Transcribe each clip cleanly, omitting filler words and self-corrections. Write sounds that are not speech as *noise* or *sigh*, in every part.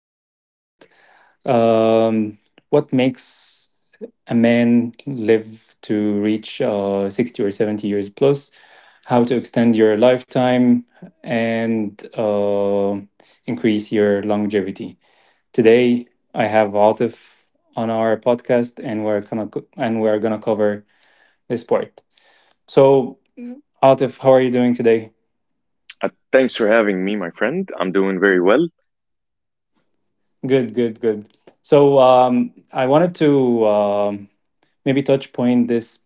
daily podcast. Um, what makes a man live to reach 60 or 70 years plus? How to extend your lifetime and increase your longevity? Today, I have Altif on our podcast, and and we're gonna cover this part. So, Altif, how are you doing today? Thanks for having me, my friend. I'm doing very well. Good, good, good. So, I wanted to. Maybe touch point this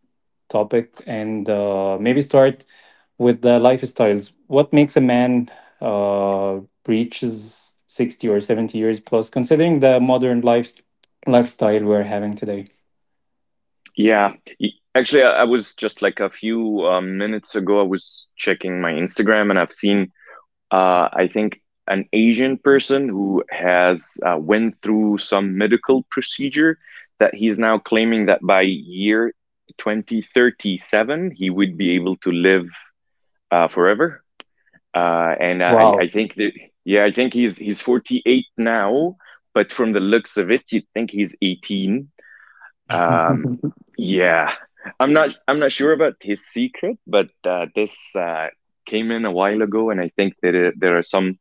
topic and maybe start with the lifestyles. What makes a man uh, reaches 60 or 70 years plus, considering the modern life, lifestyle we're having today? Yeah, y- actually, I was just like a few minutes ago, I was checking my Instagram and I've seen, uh, I think, an Asian person who has went through some medical procedure that he's now claiming that by year 2037 he would be able to live forever. I Wow. think that, yeah, I think he's 48 now, but from the looks of it, you would think he's 18. *laughs* Um, yeah, I'm not sure about his secret, but this came in a while ago, and I think that there are some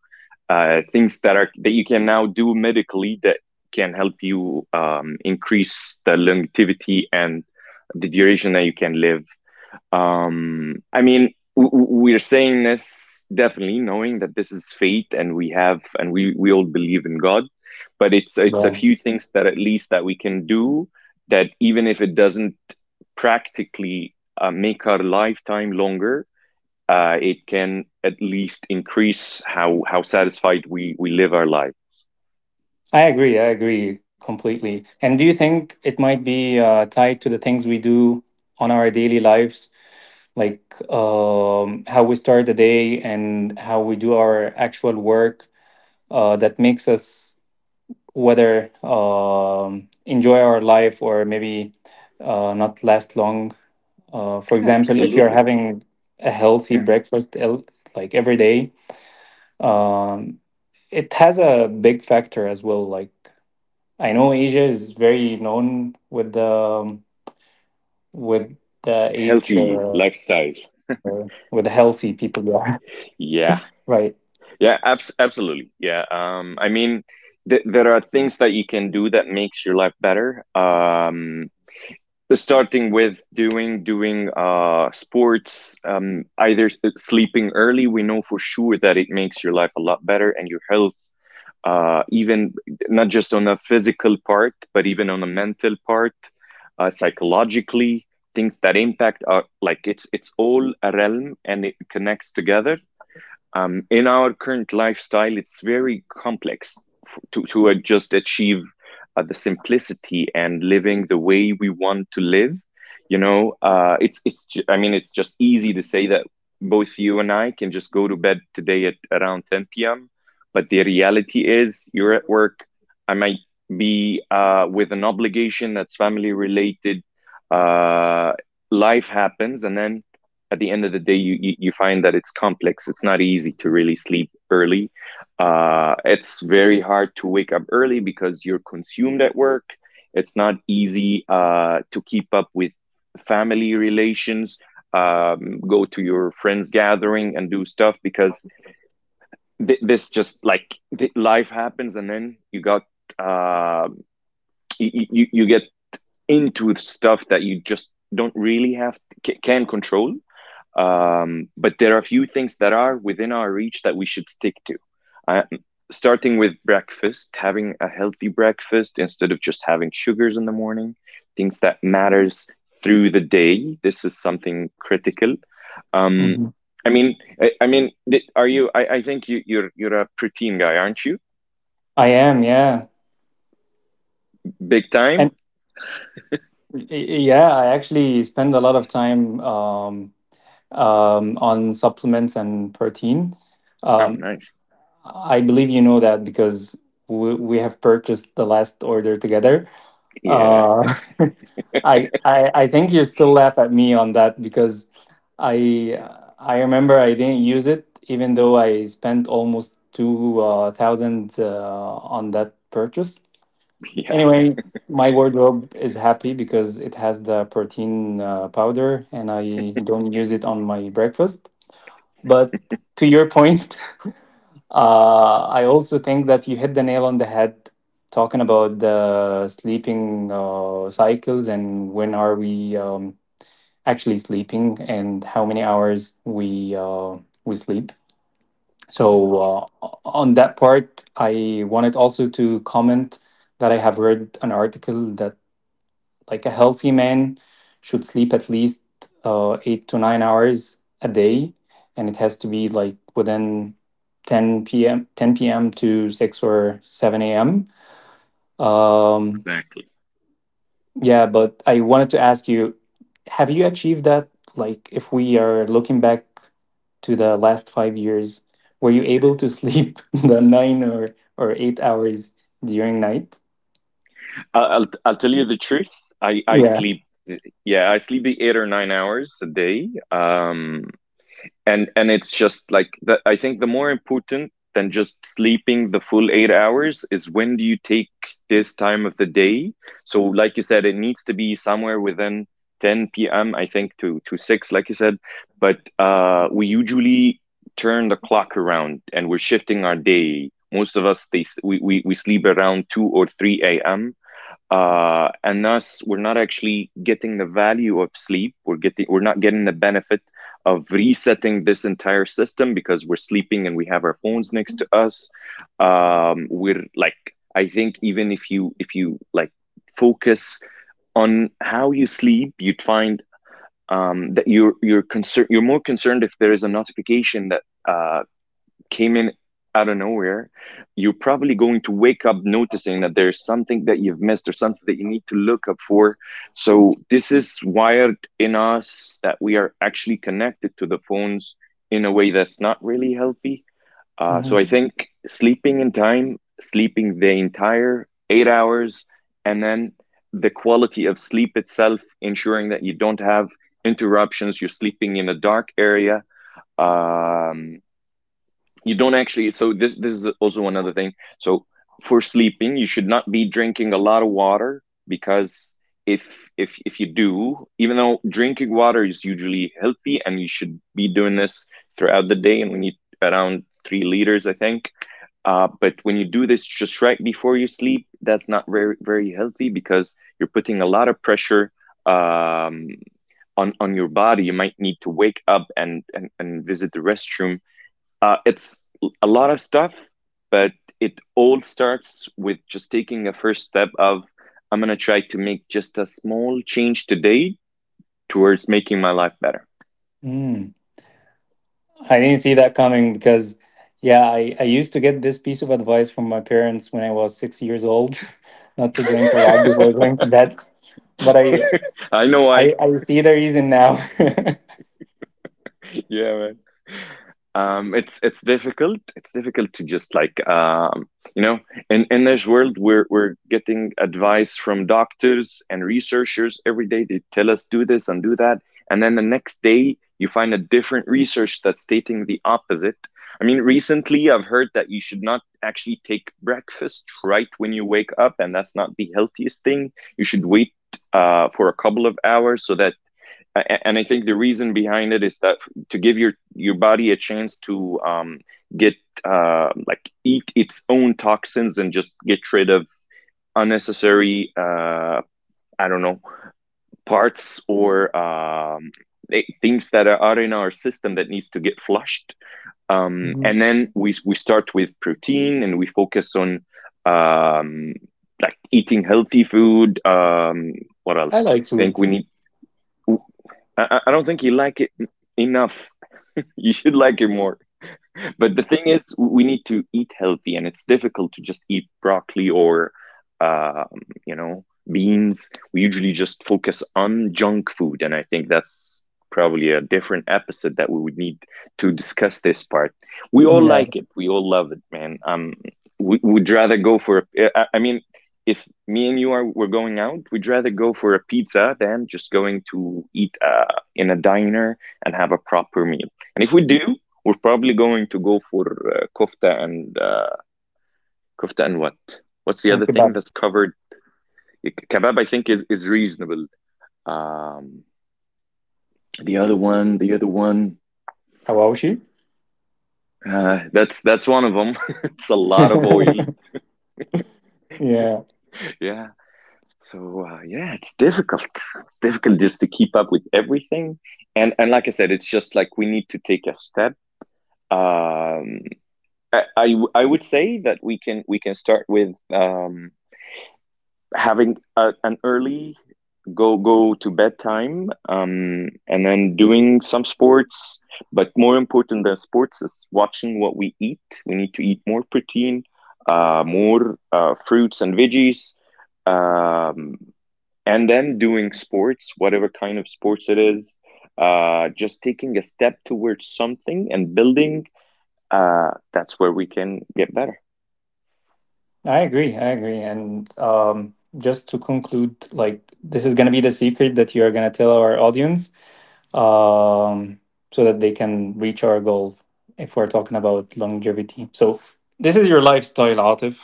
things that you can now do medically that can help you increase the longevity and the duration that you can live. um i mean w- we're saying this, definitely knowing that this is fate, and we have and we all believe in God, but it's a Yeah. few things that at least that we can do, that even if it doesn't practically make our lifetime longer, it can at least increase how satisfied we live our life. I agree. I agree completely. And do you think it might be tied to the things we do on our daily lives, like how we start the day and how we do our actual work? That makes us whether enjoy our life or maybe not last long. For example, if you're Absolutely. having a healthy Yeah, like every day, um, it has a big factor as well. Like I know Asia is very known with the age healthy or with lifestyle. the healthy people. Yeah, *laughs* right. Yeah. Yeah, absolutely. Yeah. I mean, there are things that you can do that makes your life better. Starting with doing sports, either sleeping early. We know for sure that it makes your life a lot better, and your health, even not just on a physical part, but even on a mental part, psychologically. Things that impact are like it's all a realm, and it connects together. Um, in our current lifestyle, it's very complex to just achieve the simplicity and living the way we want to live. You know, I mean, it's just easy to say that both you and I can just go to bed today at around 10 p.m. But the reality is, you're at work. I might be with an obligation that's family related. Uh, Life happens, and then at the end of the day, you find that it's complex. It's not easy to really sleep early. It's very hard to wake up early because you're consumed at work. It's not easy to keep up with family relations, go to your friends' gathering and do stuff, because th- this just like th- life happens, and then you got uh, you get into stuff that you just don't really have, can control. Um, but there are a few things that are within our reach that we should stick to. Uh, Starting with breakfast, having a healthy breakfast instead of just having sugars in the morning, things that matters through the day. This is something critical. Um, Mhm. I mean, I, I mean, are you? I think you're a protein guy, aren't you? I am. Yeah, Big time. and y- y- yeah, I actually spend a lot of time. On supplements and protein. Oh, Um, nice. I believe you know that because we have purchased the last order together. Yeah, Uh, *laughs* I I think you still laugh at me on that because I I remember I didn't use it even though I spent almost two thousand on that purchase. *laughs* yeah, Anyway, my wardrobe is happy because it has the protein powder and I don't use it on my breakfast. But to your point, *laughs* I also think that you hit the nail on the head talking about the sleeping cycles and when are we actually sleeping and how many hours we sleep. yeah, So on that part, I wanted also to comment that I have read an article that like a healthy man should sleep at least 8 to 9 hours a day, and it has to be like within 10 p.m. 10 p.m. to 6 or 7 a.m. Um, exactly. yeah, but I wanted to ask you, have you achieved that? Like, if we are looking back to the last 5 years, were you able to sleep *laughs* the nine or 8 hours during night? I'll tell you the truth. I Yeah. sleep. Yeah, I sleep the 8 or 9 hours a day. And it's just like I think the more important than just sleeping the full 8 hours is, when do you take this time of the day? So, like you said, it needs to be somewhere within 10 p.m., I think, to six, like you said. But we usually turn the clock around, and we're shifting our day. Most of us they s- we sleep around 2 or 3 a.m, and thus we're not actually getting the value of sleep. We're not getting the benefit of resetting this entire system, because we're sleeping and we have our phones next to us. We're like I think even if you focus on how you sleep, you'd find that you're more concerned if there is a notification that uh, came in out of nowhere. You're probably going to wake up noticing that there's something that you've missed, or something that you need to look up for. So, this is wired in us, that we are actually connected to the phones in a way that's not really healthy. So, I Mm-hmm. think sleeping in time, sleeping the entire 8 hours, and then the quality of sleep itself, ensuring that you don't have interruptions, you're sleeping in a dark area. Um, you don't actually so This is also another thing. So, for sleeping, you should not be drinking a lot of water, because if you do, even though drinking water is usually healthy and you should be doing this throughout the day, and we need around 3 liters, I think, but when you do this just right before you sleep, that's not very healthy, because you're putting a lot of pressure um, on your body. You might need to wake up and visit the restroom. It's a lot of stuff, but it all starts with just taking a first step of, I'm gonna try to make just a small change today towards making my life better. Mm. I didn't see that coming because, yeah, I used to get this piece of advice from my parents when I was 6 years old, *laughs* not to drink a lot before going to bed. But I *laughs* I know I. I see the reason now. *laughs* Yeah, man. Um, it's difficult, it's difficult to just like, you know in this world, we're getting advice from doctors and researchers every day. They tell us do this and do that, and then the next day you find a different research that's stating the opposite. I mean, recently I've heard that you should not actually take breakfast right when you wake up, and that's not the healthiest thing. You should wait for a couple of hours, so that, and I think the reason behind it is that, to give your body a chance to get like eat its own toxins and just get rid of unnecessary I don't know parts, or things that are in our system that needs to get flushed. Mhm. And then we start with protein, and we focus on um, like eating healthy food. What I else? like I think food. we need I don't think you like it enough. You should like it more. But the thing is, we need to eat healthy, and it's difficult to just eat broccoli, or, um, you know, beans. We usually just focus on junk food, and I think that's probably a different episode that we would need, to discuss this part. We all Yeah, like it. We all love it, man. We would rather go for. I mean, if me and you are were going out, we'd rather go for a pizza than just going to eat in a diner and have a proper meal. And if we do, we're probably going to go for kofta and what? What's the and other thing kebab, that's covered? Kebab, I think, is reasonable. Um, the other one, the other one, hawashi. That's one of them. *laughs* it's a lot of oil. *laughs* yeah, Yeah. So yeah, it's difficult. It's difficult just to keep up with everything. And like I said, it's just like we need to take a step. Um, I, I I would say that we can start with having an early go to bedtime, and then doing some sports. But more important than sports is watching what we eat. We need to eat more protein, more fruits and veggies, um, and then doing sports, whatever kind of sports it is, just taking a step towards something and building, that's where we can get better. I agree. I agree. And just to conclude, like this is gonna be the secret that you are gonna tell our audience, um, so that they can reach our goal if we're talking about longevity. So, this is your lifestyle, Atif,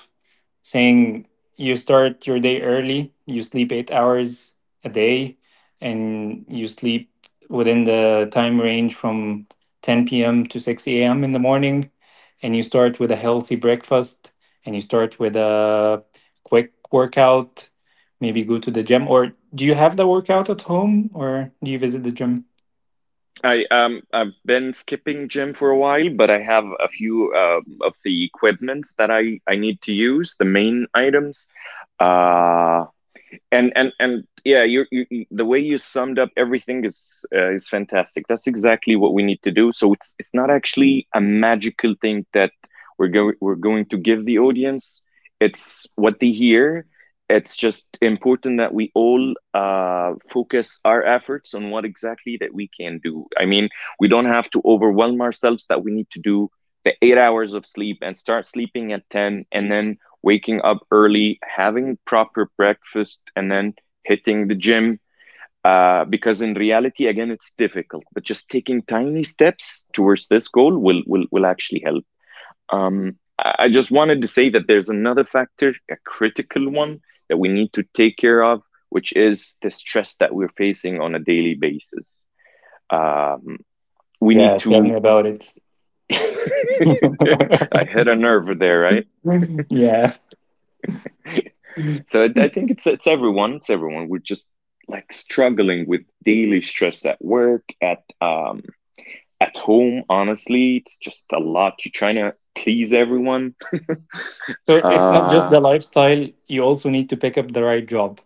saying you start your day early, you sleep 8 hours a day, and you sleep within the time range from 10 p.m. to 6 a.m. in the morning, and you start with a healthy breakfast, and you start with a quick workout. Maybe go to the gym, or do you have the workout at home, or do you visit the gym? I've been skipping gym for a while, but I have a few of the equipments that I need to use, the main items. Uh and Yeah, you, the way you summed up everything is fantastic. That's exactly what we need to do. So it's not actually a magical thing that we're going to give the audience. It's what they hear. It's just important that we all focus our efforts on what exactly that we can do. I mean, we don't have to overwhelm ourselves that we need to do the 8 hours of sleep and start sleeping at 10, and then waking up early, having proper breakfast, and then hitting the gym. Because in reality, again, it's difficult. But just taking tiny steps towards this goal will will actually help. I just wanted to say that there's another factor, a critical one that we need to take care of, which is the stress that we're facing on a daily basis. Um, we need Yeah, tell me to. about it. *laughs* I hit a nerve there, right? *laughs* yeah. So I think it's everyone. It's everyone. We're just like struggling with daily stress at work, at home. Honestly, it's just a lot. You're trying to please everyone. So it's not just Uh, the lifestyle, you also need to pick up the right job.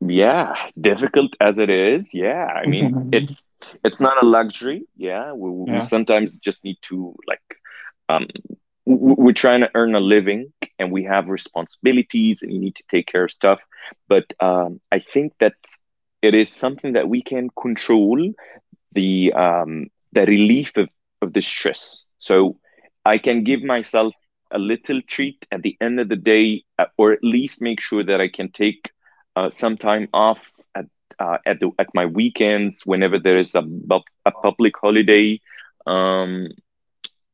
yeah, difficult as it is. Yeah, I mean, *laughs* it's not a luxury. Yeah, we Yeah. sometimes just need to like um, we're trying to earn a living and we have responsibilities and you need to take care of stuff but I think that it is something that we can control the the relief of the stress, so I can give myself a little treat at the end of the day, or at least make sure that I can take some time off at at the at my weekends, whenever there is a public holiday. um,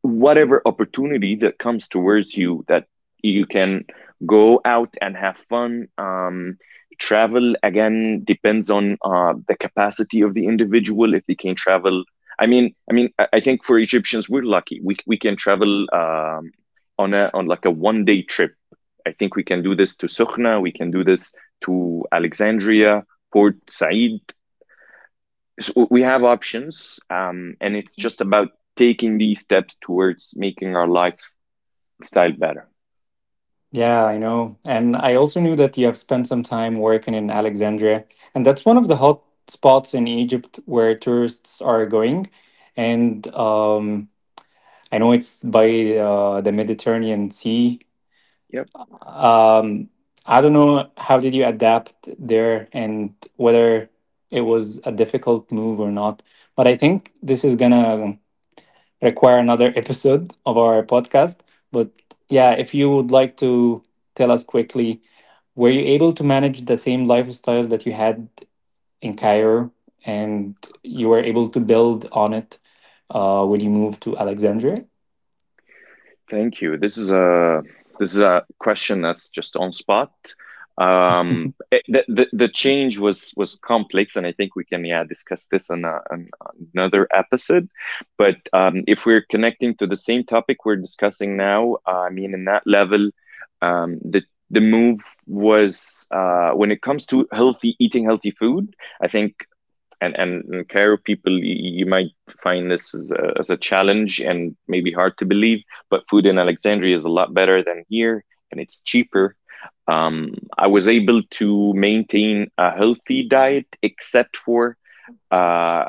Whatever opportunity that comes towards you that you can go out and have fun. Travel, again, depends on the capacity of the individual if they can travel. I I think for Egyptians, we're lucky, we can travel. On a on like a 1 day trip, I think we can do this to Sokhna. We can do this to Alexandria, Port Said. So we have options, and it's just about taking these steps towards making our lifestyle better. Yeah, I know. And I also knew that you have spent some time working in Alexandria, and that's one of the hot spots in Egypt where tourists are going. And I know it's by the Mediterranean Sea. Yep. Um, I don't know how did you adapt there and whether it was a difficult move or not. But I think this is gonna require another episode of our podcast. But yeah, if you would like to tell us quickly, were you able to manage the same lifestyle that you had in Cairo and you were able to build on it when you moved to Alexandria? Thank you. This is a question that's just on spot. It, the change was complex, and I think we can, yeah, discuss this in another episode. But if we're connecting to the same topic we're discussing now, I mean, in that level, um, the move was, when it comes to healthy eating, healthy food. I think, and in Cairo, people, you might find this as as a challenge and maybe hard to believe, but food in Alexandria is a lot better than here, and it's cheaper. I was able to maintain a healthy diet except for uh,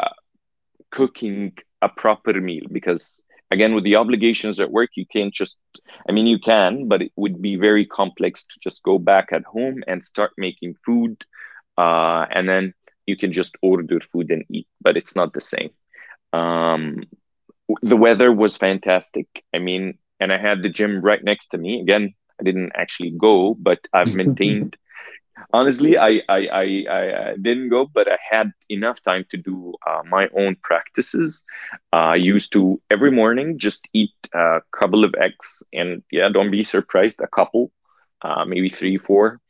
cooking a proper meal, because again, with the obligations at work, you can't just, I mean, you can, but it would be very complex to just go back at home and start making food, and then you can just order food and eat, but it's not the same. Um, the weather was fantastic. I mean, and I had the gym right next to me. Again, I didn't actually go, but I've maintained. *laughs* Honestly, I didn't go, but I had enough time to do my own practices. I used to every morning just eat a couple of eggs, and yeah, don't be surprised, a couple, maybe three, four.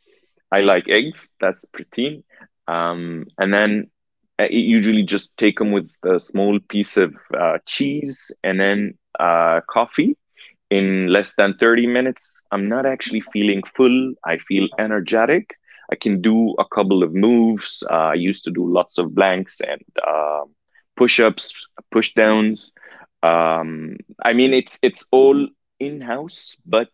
I like eggs. That's protein. And then I usually just take them with a small piece of cheese and then coffee. In less than 30 minutes, I'm not actually feeling full. I feel energetic. I can do a couple of moves. I used to do lots of blanks and um push ups, push downs. Um, I mean, it's all in house, but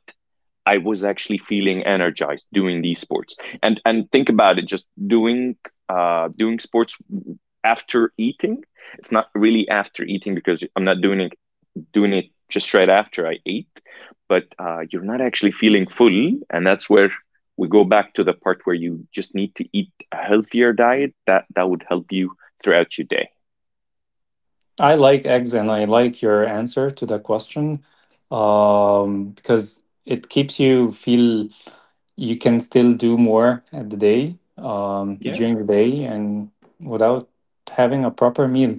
I was actually feeling energized doing these sports. And think about it, just doing doing sports after eating. It's not really after eating because I'm not doing it just right after I ate. But you're not actually feeling full, and that's where we go back to the part where you just need to eat a healthier diet that would help you throughout your day. I like eggs and I like your answer to the question, because it keeps you feel you can still do more at the day, Yeah, during the day, and without having a proper meal.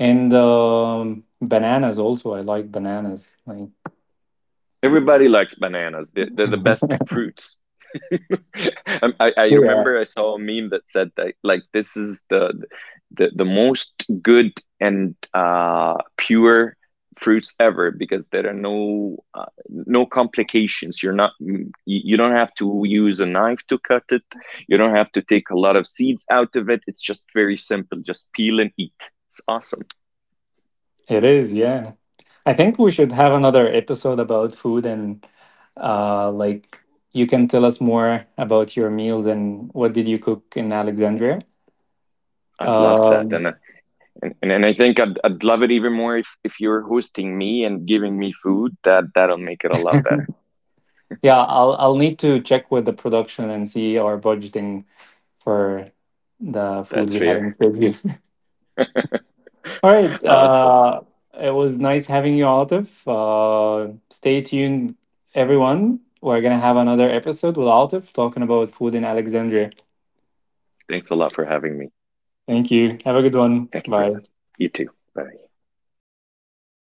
And bananas also, I like bananas. Like, everybody likes bananas. They're the best *laughs* fruits. *laughs* I yeah. remember I saw a meme that said that, like, this is the most good and, pure fruits ever, because there are no, no complications. You're not, you don't have to use a knife to cut it. You don't have to take a lot of seeds out of it. It's just very simple. Just peel and eat. It's awesome. It is, yeah. I think we should have another episode about food and like you can tell us more about your meals and what did you cook in Alexandria. I'd love that, Um and and I think I'd love it even more if you're hosting me and giving me food. That'll make it a lot better. *laughs* yeah, I'll need to check with the production and see our budgeting for the food That's we have in fair. Stadia. *laughs* All right. Awesome. Uh, it was nice having you, Altif. Uh, stay tuned everyone. We're gonna have another episode with Altif talking about food in Alexandria. Thanks a lot for having me. Thank you. Have a good one. Thank you, Bye. brother. You too. Bye.